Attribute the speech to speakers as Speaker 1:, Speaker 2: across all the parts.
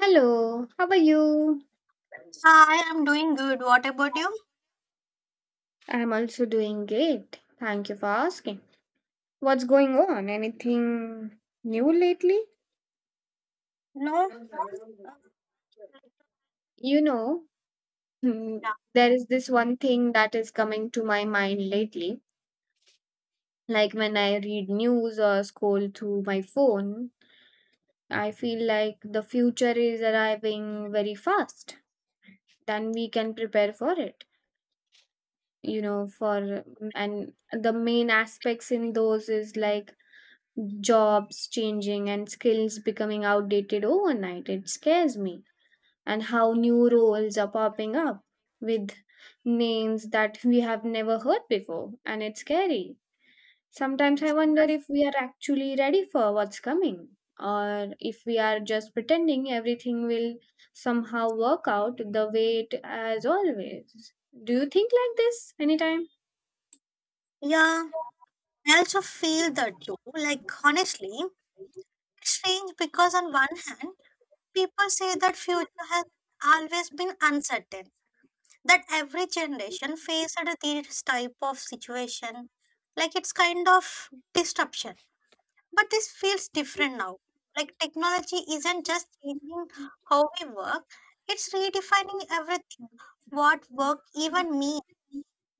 Speaker 1: Hello, how are you?
Speaker 2: Hi, I'm doing good. What about you?
Speaker 1: I'm also doing great. Thank you for asking. What's going on? Anything new lately?
Speaker 2: No?
Speaker 1: You know, hmm,
Speaker 2: Yeah.
Speaker 1: there is this one thing that is coming to my mind lately. Like when I read news or scroll through my phone, I feel like the future is arriving very fast. Then we can prepare for it. You know, for and the main aspects in those is like jobs changing and skills becoming outdated overnight. It scares me. And how new roles are popping up with names that we have never heard before. And it's scary. Sometimes I wonder if we are actually ready for what's coming, or if we are just pretending everything will somehow work out the way it as always. Do you think like this anytime?
Speaker 2: Yeah, I also feel that too. Honestly, it's strange because, on one hand, people say that future has always been uncertain, that every generation faced this type of situation. It's kind of disruption. But this feels different now. Like technology isn't just changing how we work, it's redefining everything. What work even means.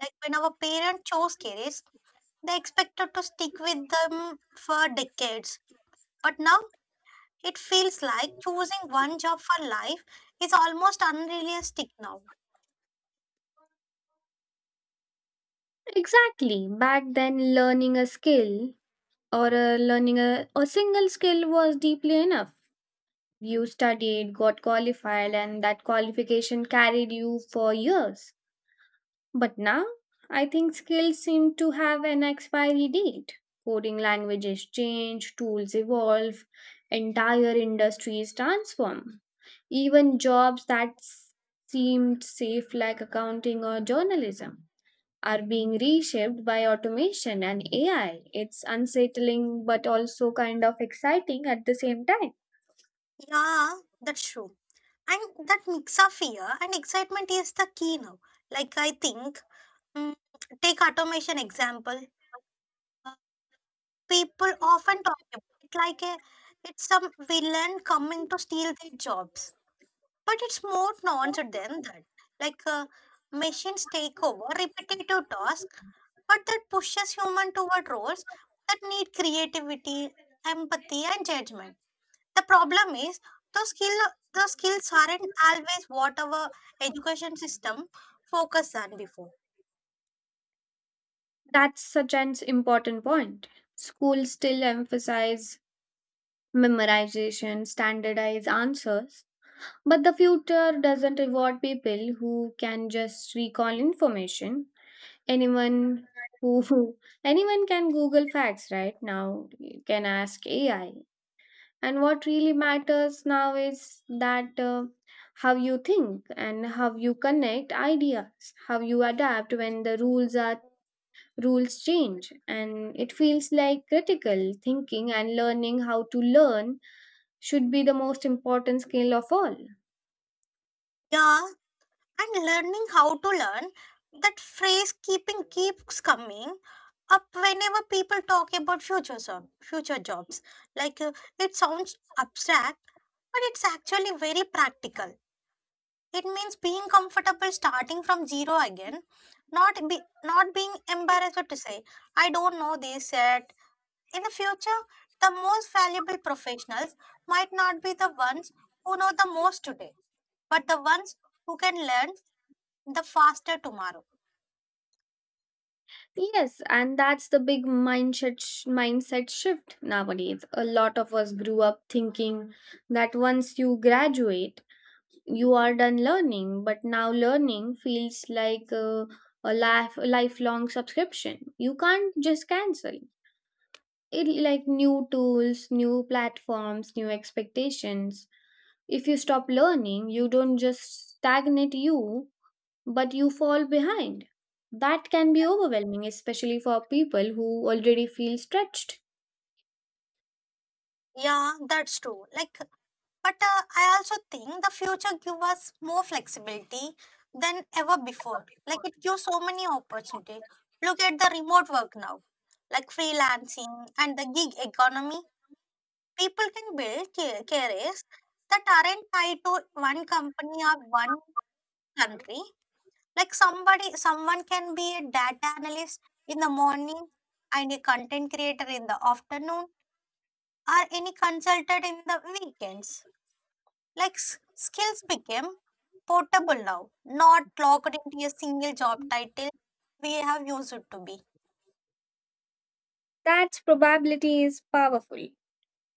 Speaker 2: Like when our parents chose careers, they expected to stick with them for decades. But now it feels like choosing one job for life is almost unrealistic now.
Speaker 1: Exactly. Back then, learning a skill or learning a single skill was deeply enough. You studied, got qualified, and that qualification carried you for years. But now, I think skills seem to have an expiry date. Coding languages change, tools evolve, entire industries transform. Even jobs that seemed safe, like accounting or journalism, are being reshaped by automation and AI. It's unsettling but also kind of exciting at the same time.
Speaker 2: Yeah, that's true. And that mix of fear and excitement is the key now. Like I think, mm, take automation example. People often talk about it like it's some villain coming to steal their jobs. But it's more nuanced than that. Like machines take over repetitive tasks, but that pushes human toward roles that need creativity, empathy, and judgment. The problem is those skill the skills aren't always what our education system focused on before.
Speaker 1: That's such an important point. Schools still emphasize memorization, standardized answers, but the future doesn't reward people who can just recall information. Anyone who Anyone can Google facts right now. You can ask AI. And what really matters now is that how you think and how you connect ideas, how you adapt when the rules change. And it feels like critical thinking and learning how to learn should be the most important skill of all.
Speaker 2: Yeah, and learning how to learn, that phrase keeping keeps coming up whenever people talk about future jobs. Like it sounds abstract, but it's actually very practical. It means being comfortable starting from zero again, not be not being embarrassed to say I don't know this yet. In the future, the most valuable professionals might not be the ones who know the most today, but the ones who can learn the faster tomorrow.
Speaker 1: Yes, and that's the big mindset shift nowadays. A lot of us grew up thinking that once you graduate, you are done learning, but now learning feels like a lifelong subscription. You can't just cancel. It like new tools, new platforms, new expectations. If you stop learning, you don't just stagnate, but you fall behind. That can be overwhelming, especially for people who already feel stretched.
Speaker 2: Yeah, that's true. But I also think the future gives us more flexibility than ever before. Like, it gives so many opportunities. Look at the remote work now, like freelancing and the gig economy. People can build careers that aren't tied to one company or one country. Like someone can be a data analyst in the morning and a content creator in the afternoon, or any consultant in the weekends. Like skills became portable now, not locked into a single job title we have used it to be.
Speaker 1: That probability is powerful.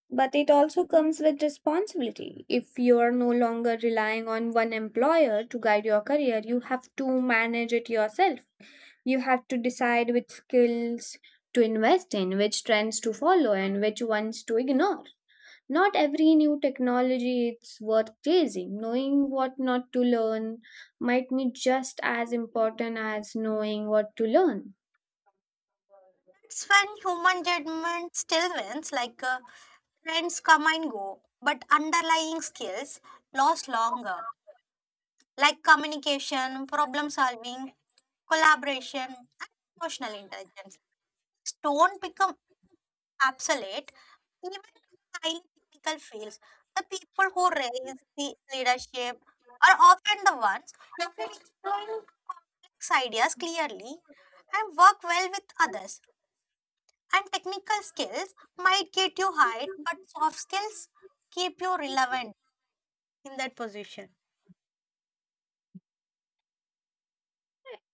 Speaker 1: But it also comes with responsibility. If you are no longer relying on one employer to guide your career, you have to manage it yourself. You have to decide which skills to invest in, which trends to follow, and which ones to ignore. Not every new technology is worth chasing. Knowing what not to learn might be just as important as knowing what to learn.
Speaker 2: It's when human judgment still wins, like trends come and go, but underlying skills last longer, like communication, problem solving, collaboration, and emotional intelligence. Don't become absolute. Even highly technical fields, the people who raise the leadership are often the ones who can explain complex ideas clearly and work well with others. And technical skills might get you hired, but soft skills keep you relevant in that position.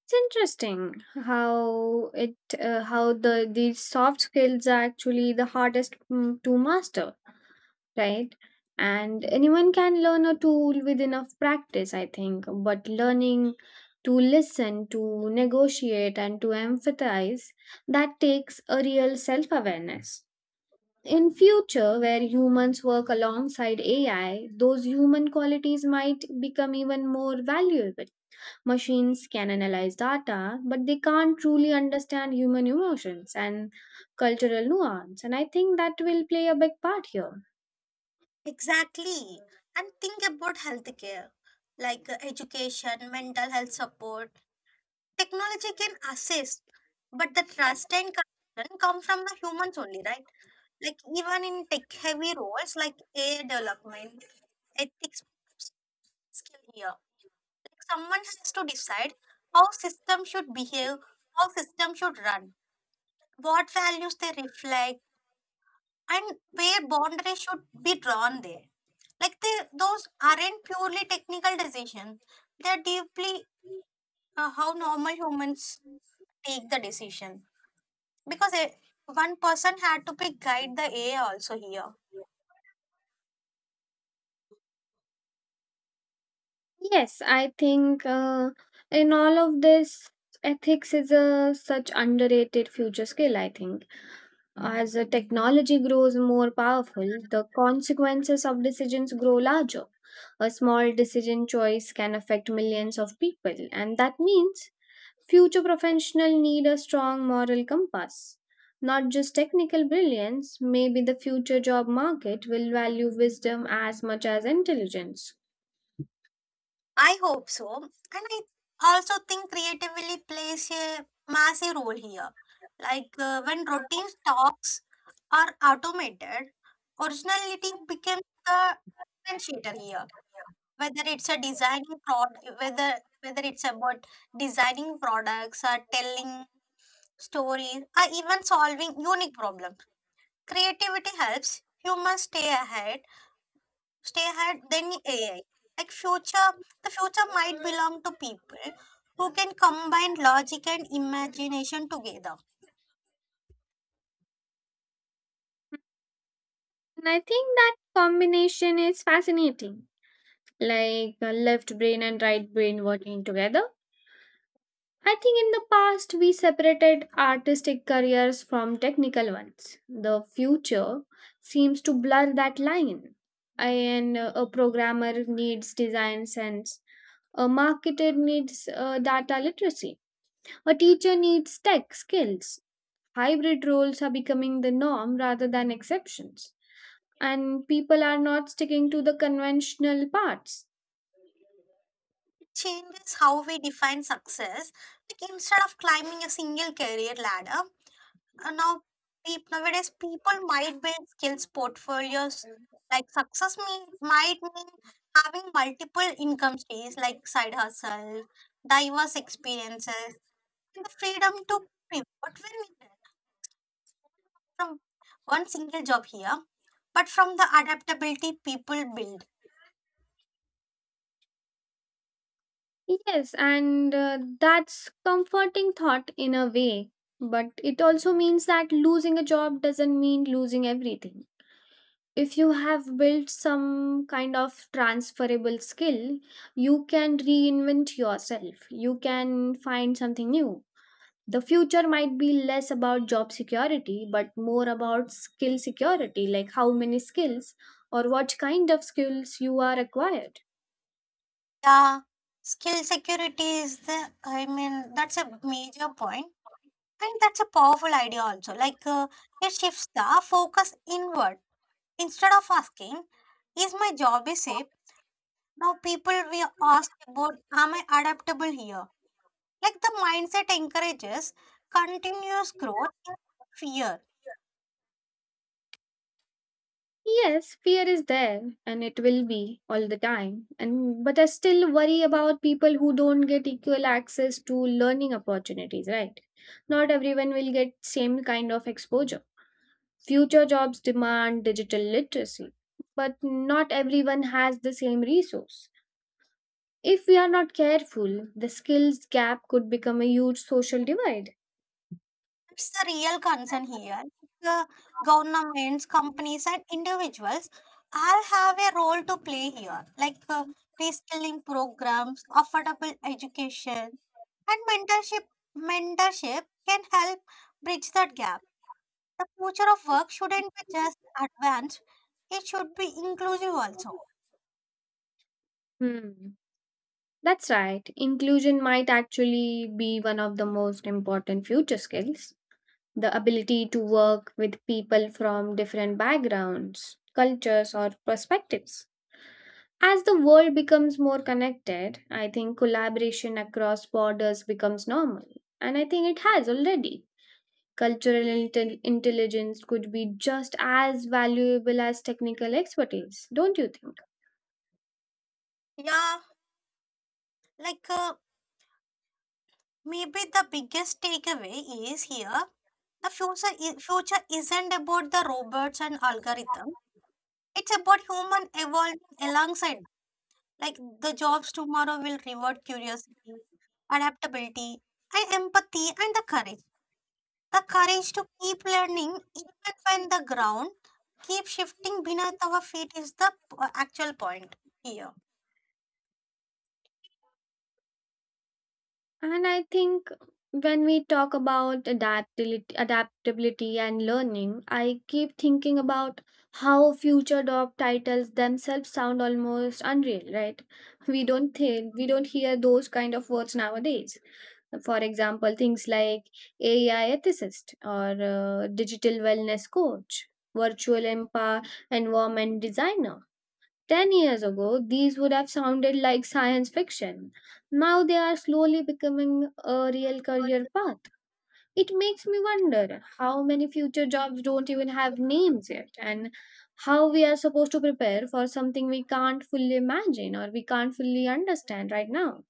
Speaker 1: It's interesting how the these soft skills are actually the hardest, to master, right? And anyone can learn a tool with enough practice, I think. But learning to listen, to negotiate, and to empathize, that takes a real self awareness. In future, where humans work alongside AI, those human qualities might become even more valuable. Machines can analyze data, but they can't truly understand human emotions and cultural nuance. And I think that will play a big part here.
Speaker 2: Exactly. And think about healthcare, like education, mental health support. Technology can assist, but the trust and concern come from the humans only, right? Like even in tech-heavy roles like AI development, ethics skill here. Like someone has to decide how system should behave, how system should run, what values they reflect, and where boundaries should be drawn there. Those aren't purely technical decisions. They're deeply how normal humans take the decision. because it, One person had to pick guide the AI also here.
Speaker 1: Yes, I think, in all of this, ethics is a such underrated future skill. I think as the technology grows more powerful, the consequences of decisions grow larger. A small decision choice can affect millions of people, and that means future professionals need a strong moral compass. Not just technical brilliance, maybe the future job market will value wisdom as much as intelligence.
Speaker 2: I hope so, and I also think creatively plays a massive role here. Like when routine talks are automated, originality becomes the differentiator here. Whether it's a designing product, whether whether it's about designing products or telling stories or even solving unique problems, creativity helps humans stay ahead than AI. Like future, the future might belong to people who can combine logic and imagination together.
Speaker 1: And I think that combination is fascinating, like left brain and right brain working together. I think in the past we separated artistic careers from technical ones. The future seems to blur that line. And a programmer needs design sense, a marketer needs data literacy, a teacher needs tech skills. Hybrid roles are becoming the norm rather than exceptions, and people are not sticking to the conventional paths.
Speaker 2: Changes how we define success. Like instead of climbing a single career ladder, now nowadays people might build skills portfolios. Like might mean having multiple income streams, like side hustle, diverse experiences, and the freedom to pivot when needed. From one single job here, but from the adaptability people build.
Speaker 1: Yes, and that's comforting thought in a way, but it also means that losing a job doesn't mean losing everything. If you have built some kind of transferable skill, you can reinvent yourself. You can find something new. The future might be less about job security, but more about skill security, like how many skills or what kind of skills you are acquired.
Speaker 2: Yeah, skill security is the, I mean, that's a major point, and that's a powerful idea also. Like, it shifts the focus inward instead of asking, is my job is safe? Now, people will ask about, am I adaptable here? Like, the mindset encourages continuous growth in fear.
Speaker 1: Yes, fear is there and it will be all the time. And but I still worry about people who don't get equal access to learning opportunities, right? Not everyone will get same kind of exposure. Future jobs demand digital literacy, but not everyone has the same resource. If we are not careful, the skills gap could become a huge social divide.
Speaker 2: It's the real concern here. The governments, companies, and individuals all have a role to play here, like reskilling programs, affordable education, and mentorship. Mentorship can help bridge that gap. The future of work shouldn't be just advanced; it should be inclusive also.
Speaker 1: Hmm. That's right. Inclusion might actually be one of the most important future skills. The ability to work with people from different backgrounds, cultures, or perspectives. As the world becomes more connected, I think collaboration across borders becomes normal. And I think it has already. Cultural intelligence could be just as valuable as technical expertise, don't you think?
Speaker 2: Yeah, like maybe the biggest takeaway is here: the future, future isn't about the robots and algorithms. It's about human evolving alongside. Like the jobs tomorrow will reward curiosity, adaptability, and empathy, and the courage. The courage to keep learning even when the ground keeps shifting beneath our feet is the actual point here.
Speaker 1: And I think when we talk about adaptability and learning, I keep thinking about how future job titles themselves sound almost unreal, right? We don't hear those kind of words nowadays. For example, things like AI ethicist or digital wellness coach, virtual empower environment designer, 10 years ago, these would have sounded like science fiction. Now they are slowly becoming a real career path. It makes me wonder how many future jobs don't even have names yet, and how we are supposed to prepare for something we can't fully imagine, or we can't fully understand right now.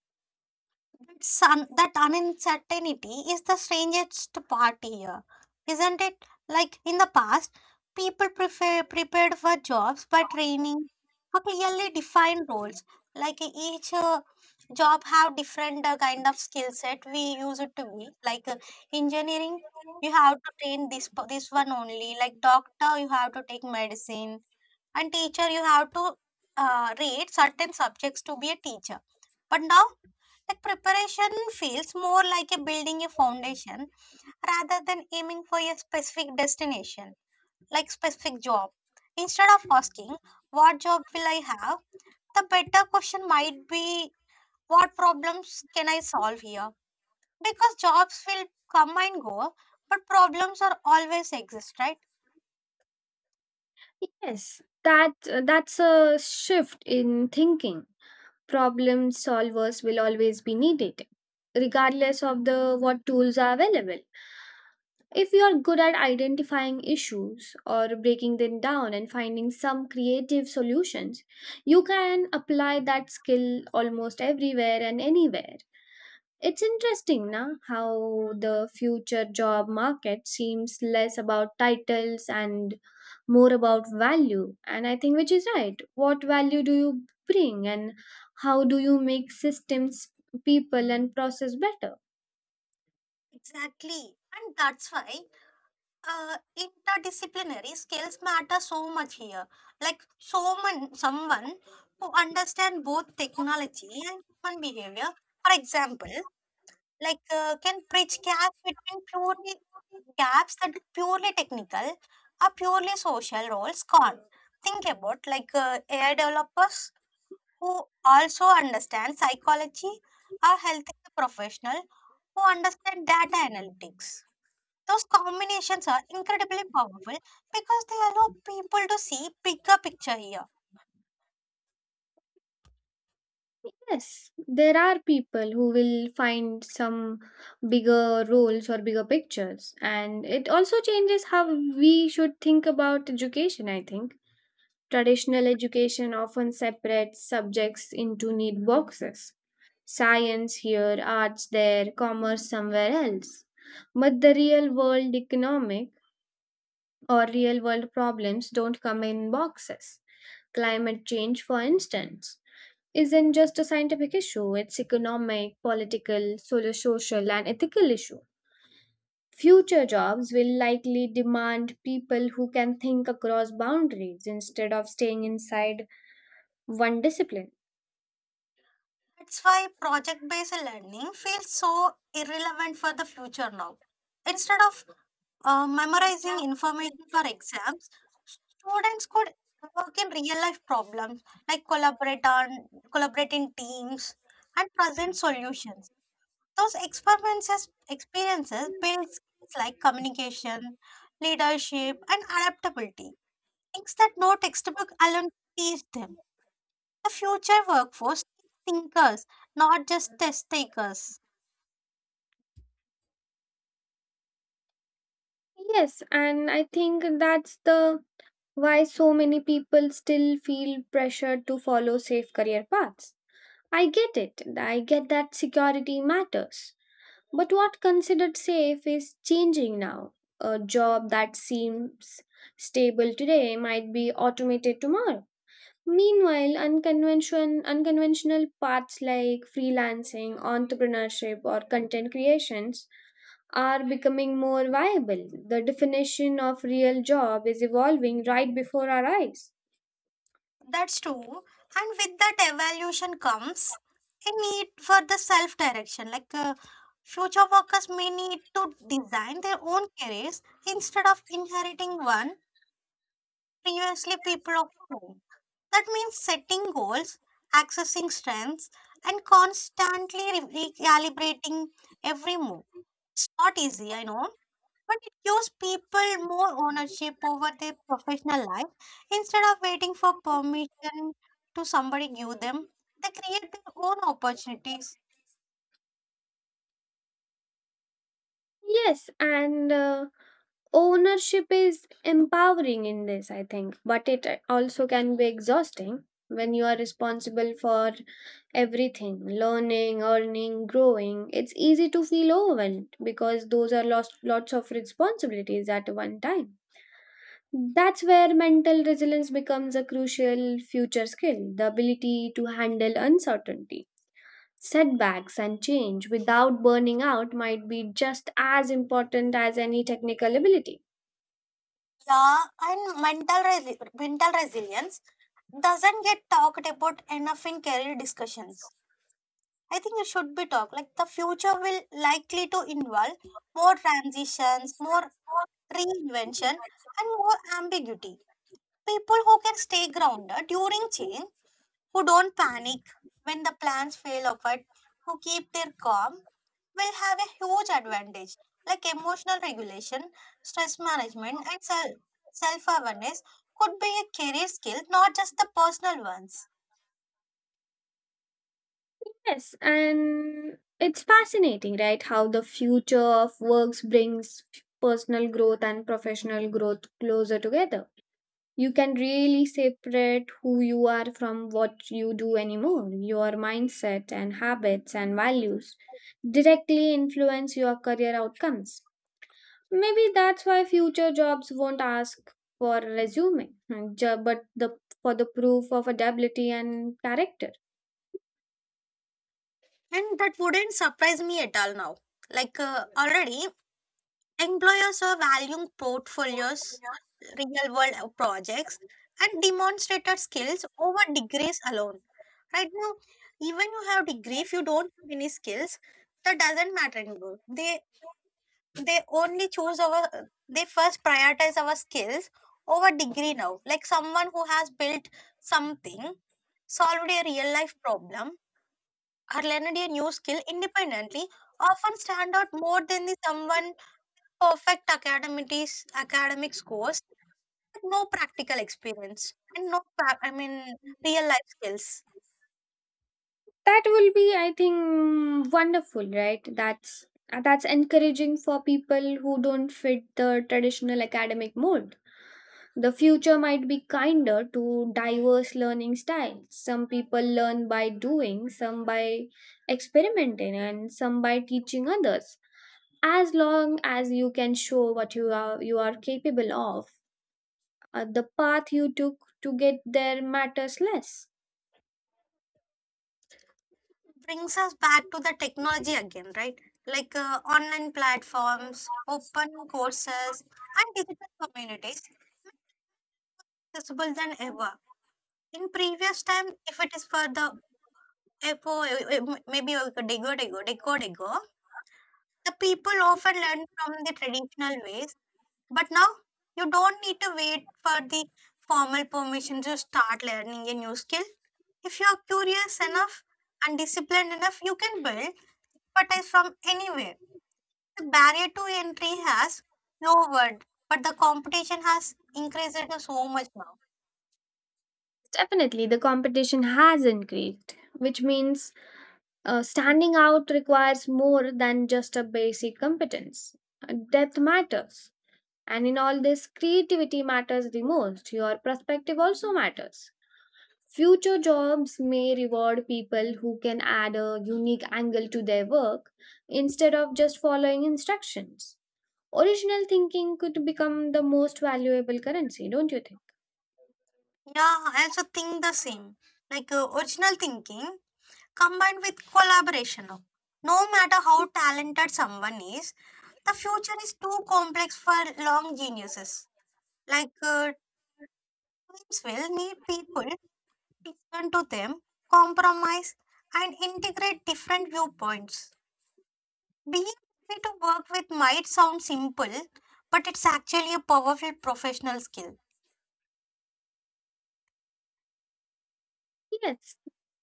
Speaker 2: That uncertainty is the strangest part here, isn't it? Like in the past, people prepared for jobs by training for clearly defined roles. Like each job have different kind of skill set we use it to be. Like engineering, you have to train this one only. Like doctor, you have to take medicine, and teacher you have to read certain subjects to be a teacher. But now, like preparation feels more like a building a foundation rather than aiming for a specific destination, like specific job. Instead of asking what job will I have, the better question might be what problems can I solve here, because jobs will come and go, but problems are always exist, right?
Speaker 1: Yes, that that's a shift in thinking. Problem solvers will always be needed, regardless of the what tools are available. If you are good at identifying issues or breaking them down and finding some creative solutions, you can apply that skill almost everywhere and anywhere. It's interesting na how the future job market seems less about titles and more about value, and I think which is right. What value do you bring, and how do you make systems, people and process better?
Speaker 2: Exactly, and that's why interdisciplinary skills matter so much here. Like someone who understand both technology and human behavior. For example, like can bridge gaps that are purely technical or purely social roles gone. Think about like AI developers who also understand psychology, or healthcare professional who understand data analytics. Those combinations are incredibly powerful because they allow people to see bigger picture here.
Speaker 1: Yes, there are people who will find some bigger roles or bigger pictures, and it also changes how we should think about education, I think. Traditional education often separates subjects into neat boxes, science here, arts there, commerce somewhere else. But the real world economic or real world problems don't come in boxes. Climate change, for instance, isn't just a scientific issue, it's economic, political, solo social and ethical issue. Future jobs will likely demand people who can think across boundaries instead of staying inside one discipline.
Speaker 2: That's why project based learning feels so irrelevant for the future now. Instead of memorizing information for exams, students could work in real life problems like collaborate on collaborate in teams and present solutions. Those experiences build skills like communication, leadership, and adaptability. Things that no textbook alone teach them. The future workforce needs thinkers, not just test takers.
Speaker 1: Yes, and I think that's the why so many people still feel pressured to follow safe career paths. I get it. I get that security matters. But what considered safe is changing now. A job that seems stable today might be automated tomorrow. Meanwhile, unconventional paths like freelancing, entrepreneurship, or content creations are becoming more viable. The definition of real job is evolving right before our eyes.
Speaker 2: That's true. And with that evaluation comes a need for the self direction. Like future workers may need to design their own careers instead of inheriting one previously people of owned. That means setting goals, accessing strengths, and constantly recalibrating every move. It's not easy, I know, but it gives people more ownership over their professional life instead of waiting for permission to somebody give them. They create their own opportunities.
Speaker 1: Yes, and ownership is empowering in this, I think, but it also can be exhausting when you are responsible for everything, learning, earning, growing. It's easy to feel overwhelmed because those are lost lots of responsibilities at one time. That's where mental resilience becomes a crucial future skill, the ability to handle uncertainty, setbacks and change without burning out, might be just as important as any technical ability.
Speaker 2: Yeah, and mental resilience doesn't get talked about enough in career discussions. I think it should be talked. Like the future will likely to involve more transitions, more reinvention, and more ambiguity. People who can stay grounded during change, who don't panic when the plans fail apart, who keep their calm, will have a huge advantage, like emotional regulation, stress management, and self awareness could be a career skill, not just the personal ones.
Speaker 1: Yes, and it's fascinating, right? How the future of works brings personal growth and professional growth closer together. You can really separate who you are from what you do anymore. Your mindset and habits and values directly influence your career outcomes. Maybe that's why future jobs won't ask for a resume, but the for the proof of ability and character.
Speaker 2: And that wouldn't surprise me at all now. Like already, employers are valuing portfolios, real world projects, and demonstrated skills over degrees alone. Right now, even you have degree, if you don't have any skills, that doesn't matter anymore. They only choose our, they first prioritize our skills over degree now. Like someone who has built something, solved a real life problem, or learned a new skill independently, often stand out more than the someone perfect academic scores, but no practical experience and no pra- I mean real life skills.
Speaker 1: That will be, I think, wonderful, right? That's encouraging for people who don't fit the traditional academic mold. The future might be kinder to diverse learning styles. Some people learn by doing, some by experimenting, and some by teaching others. As long as you can show what you are capable of, the path you took to get there matters less.
Speaker 2: Brings us back to the technology again, right? Like online platforms, open courses, and digital communities accessible than ever. In previous time, if it is for the epo, maybe a decade ago the people often learn from the traditional ways. But now you don't need to wait for the formal permission to start learning a new skill. If you are curious enough and disciplined enough, you can build expertise from anywhere. The barrier to entry has lowered, but the competition has increased it so much now.
Speaker 1: Definitely the competition has increased, which means standing out requires more than just a basic competence. Depth matters. And in all this, creativity matters the most. Your perspective also matters. Future jobs may reward people who can add a unique angle to their work instead of just following instructions. Original thinking could become the most valuable currency, don't you think?
Speaker 2: Yeah, I also think the same. Like original thinking combined with collaboration now. No matter how talented someone is, the future is too complex for long geniuses. Like teams will need people to listen to them, compromise, and integrate different viewpoints. Being able to work with might sound simple, but it's actually a powerful professional skill.
Speaker 1: Yes,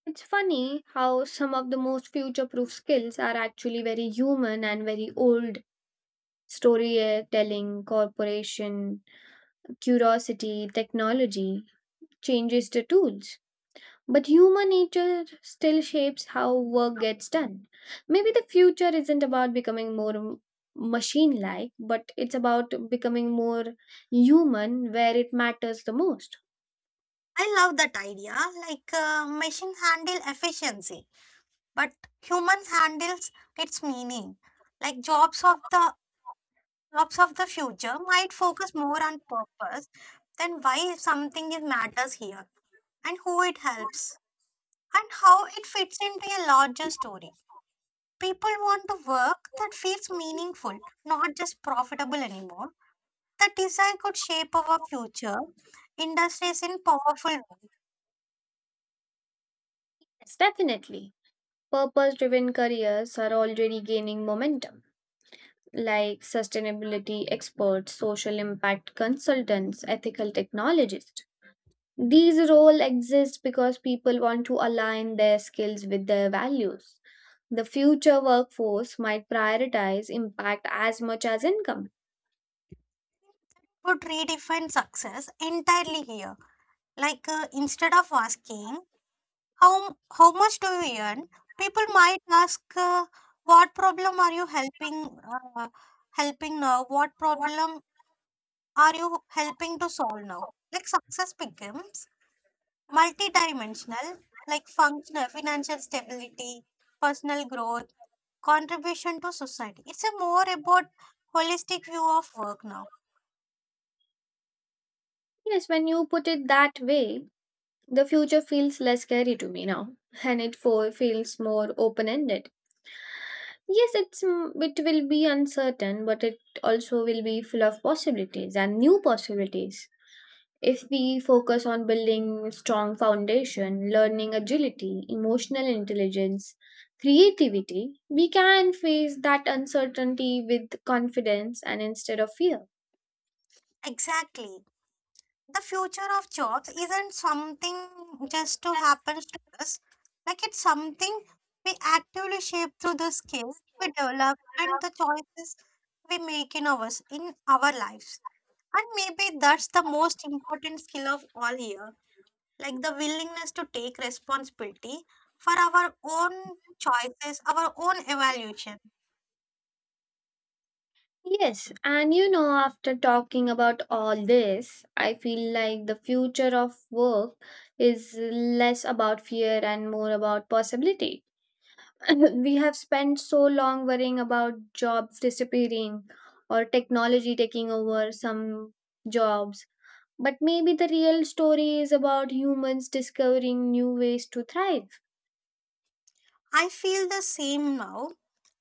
Speaker 1: it's funny how some of the most future proof skills are actually very human and very old, storytelling, corporation, curiosity, technology changes the tools. But human nature still shapes how work gets done. Maybe the future isn't about becoming more machine like, but it's about becoming more human where it matters the most.
Speaker 2: I love that idea. Like machines handle efficiency, but humans handles its meaning. Like jobs of the future might focus more on purpose than why something is matters here, and who it helps, and how it fits into a larger story. People want to work that feels meaningful, not just profitable anymore. The desire could shape our future. Industries in powerful ways
Speaker 1: Yes, definitely. Purpose driven careers are already gaining momentum, like sustainability experts, social impact consultants, ethical technologists. These roles exist because people want to align their skills with their values. The future workforce might prioritize impact as much as income.
Speaker 2: could redefine success entirely here. Like instead of asking how much do you earn, people might ask what problem are you uh, helping now? What problem are you helping to solve now? Like success becomes multidimensional, like functional, financial stability, personal growth, contribution to society. It's a more about holistic view of work now.
Speaker 1: Yes, when you put it that way, the future feels less scary to me now, and it for, feels more open ended. Yes, it's, it will be uncertain, but it also will be full of possibilities and new possibilities. If we focus on building strong foundation, learning agility, emotional intelligence, creativity, we can face that uncertainty with confidence and instead of fear.
Speaker 2: Exactly. The future of jobs isn't something just to happen to us. Like it's something we actively shape through the skills we develop and the choices we make in our lives. And maybe that's the most important skill of all here. Like the willingness to take responsibility for our own choices, our own evaluation.
Speaker 1: Yes, and you know, after talking about all this, I feel like the future of work is less about fear and more about possibility. We have spent so long worrying about jobs disappearing or technology taking over some jobs. But maybe the real story is about humans discovering new ways to thrive.
Speaker 2: I feel the same now.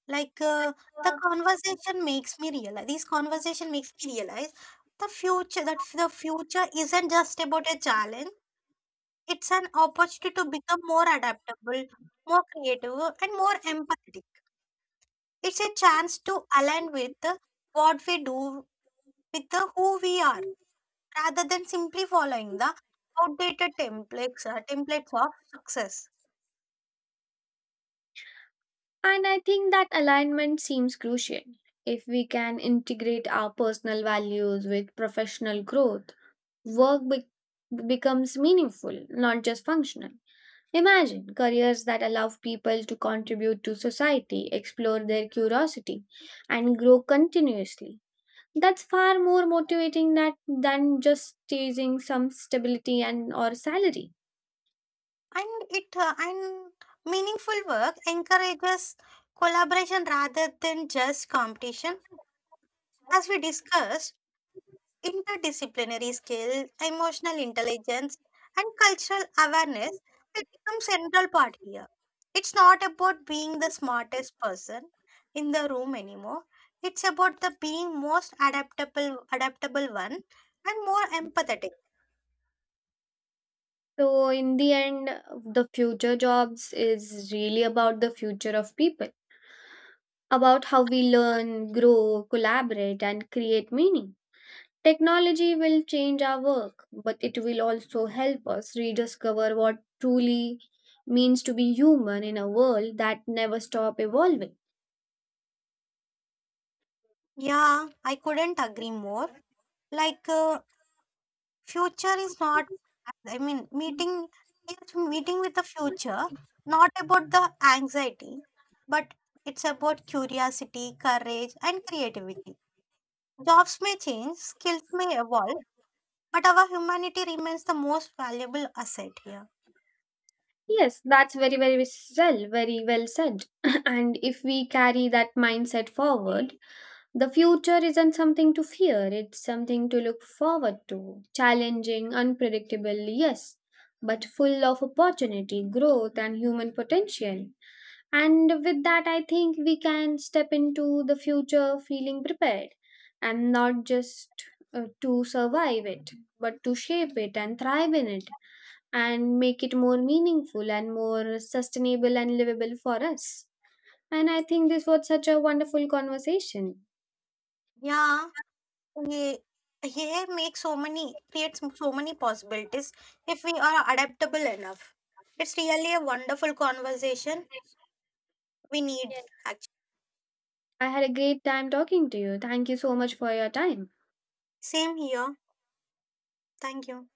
Speaker 2: Like the conversation makes me realize. This conversation makes me realize the future. that the future isn't just about a challenge. It's an opportunity to become more adaptable, more creative, and more empathetic. It's a chance to align with what we do, with the who we are, rather than simply following the outdated templates templates of success.
Speaker 1: And I think that alignment seems crucial. If we can integrate our personal values with professional growth, becomes meaningful, not just functional. Imagine careers that allow people to contribute to society, explore their curiosity, and grow continuously. That's far more motivating that, than just chasing some stability and or salary.
Speaker 2: And it and meaningful work encourages collaboration rather than just competition. As we discussed, interdisciplinary skill, emotional intelligence, and cultural awareness will become central part here. It's not about being the smartest person in the room anymore. It's about the being most adaptable one and more empathetic.
Speaker 1: So in the end, the future jobs is really about the future of people, about how we learn, grow, collaborate, and create meaning. Technology will change our work, but it will also help us rediscover what truly means to be human in a world that never stop evolving.
Speaker 2: Yeah, I couldn't agree more. Like Future is not, I mean, meeting is meeting with the future, not about the anxiety, but it's about curiosity, courage, and creativity. Jobs may change, skills may evolve, but our humanity remains the most valuable asset here.
Speaker 1: Yes, that's very well said. And if we carry that mindset forward, the future isn't something to fear, it's something to look forward to. Challenging, unpredictable, yes, but full of opportunity, growth and human potential. And with that, I think we can step into the future feeling prepared and not just to survive it, but to shape it and thrive in it, and make it more meaningful and more sustainable and livable for us. And I think this was such a wonderful conversation.
Speaker 2: Yeah, we, here makes so many, creates so many possibilities if we are adaptable enough. It's really a wonderful conversation we need,
Speaker 1: Yes.
Speaker 2: actually.
Speaker 1: I had a great time talking to you. Thank you so much for your time.
Speaker 2: Same here. Thank you.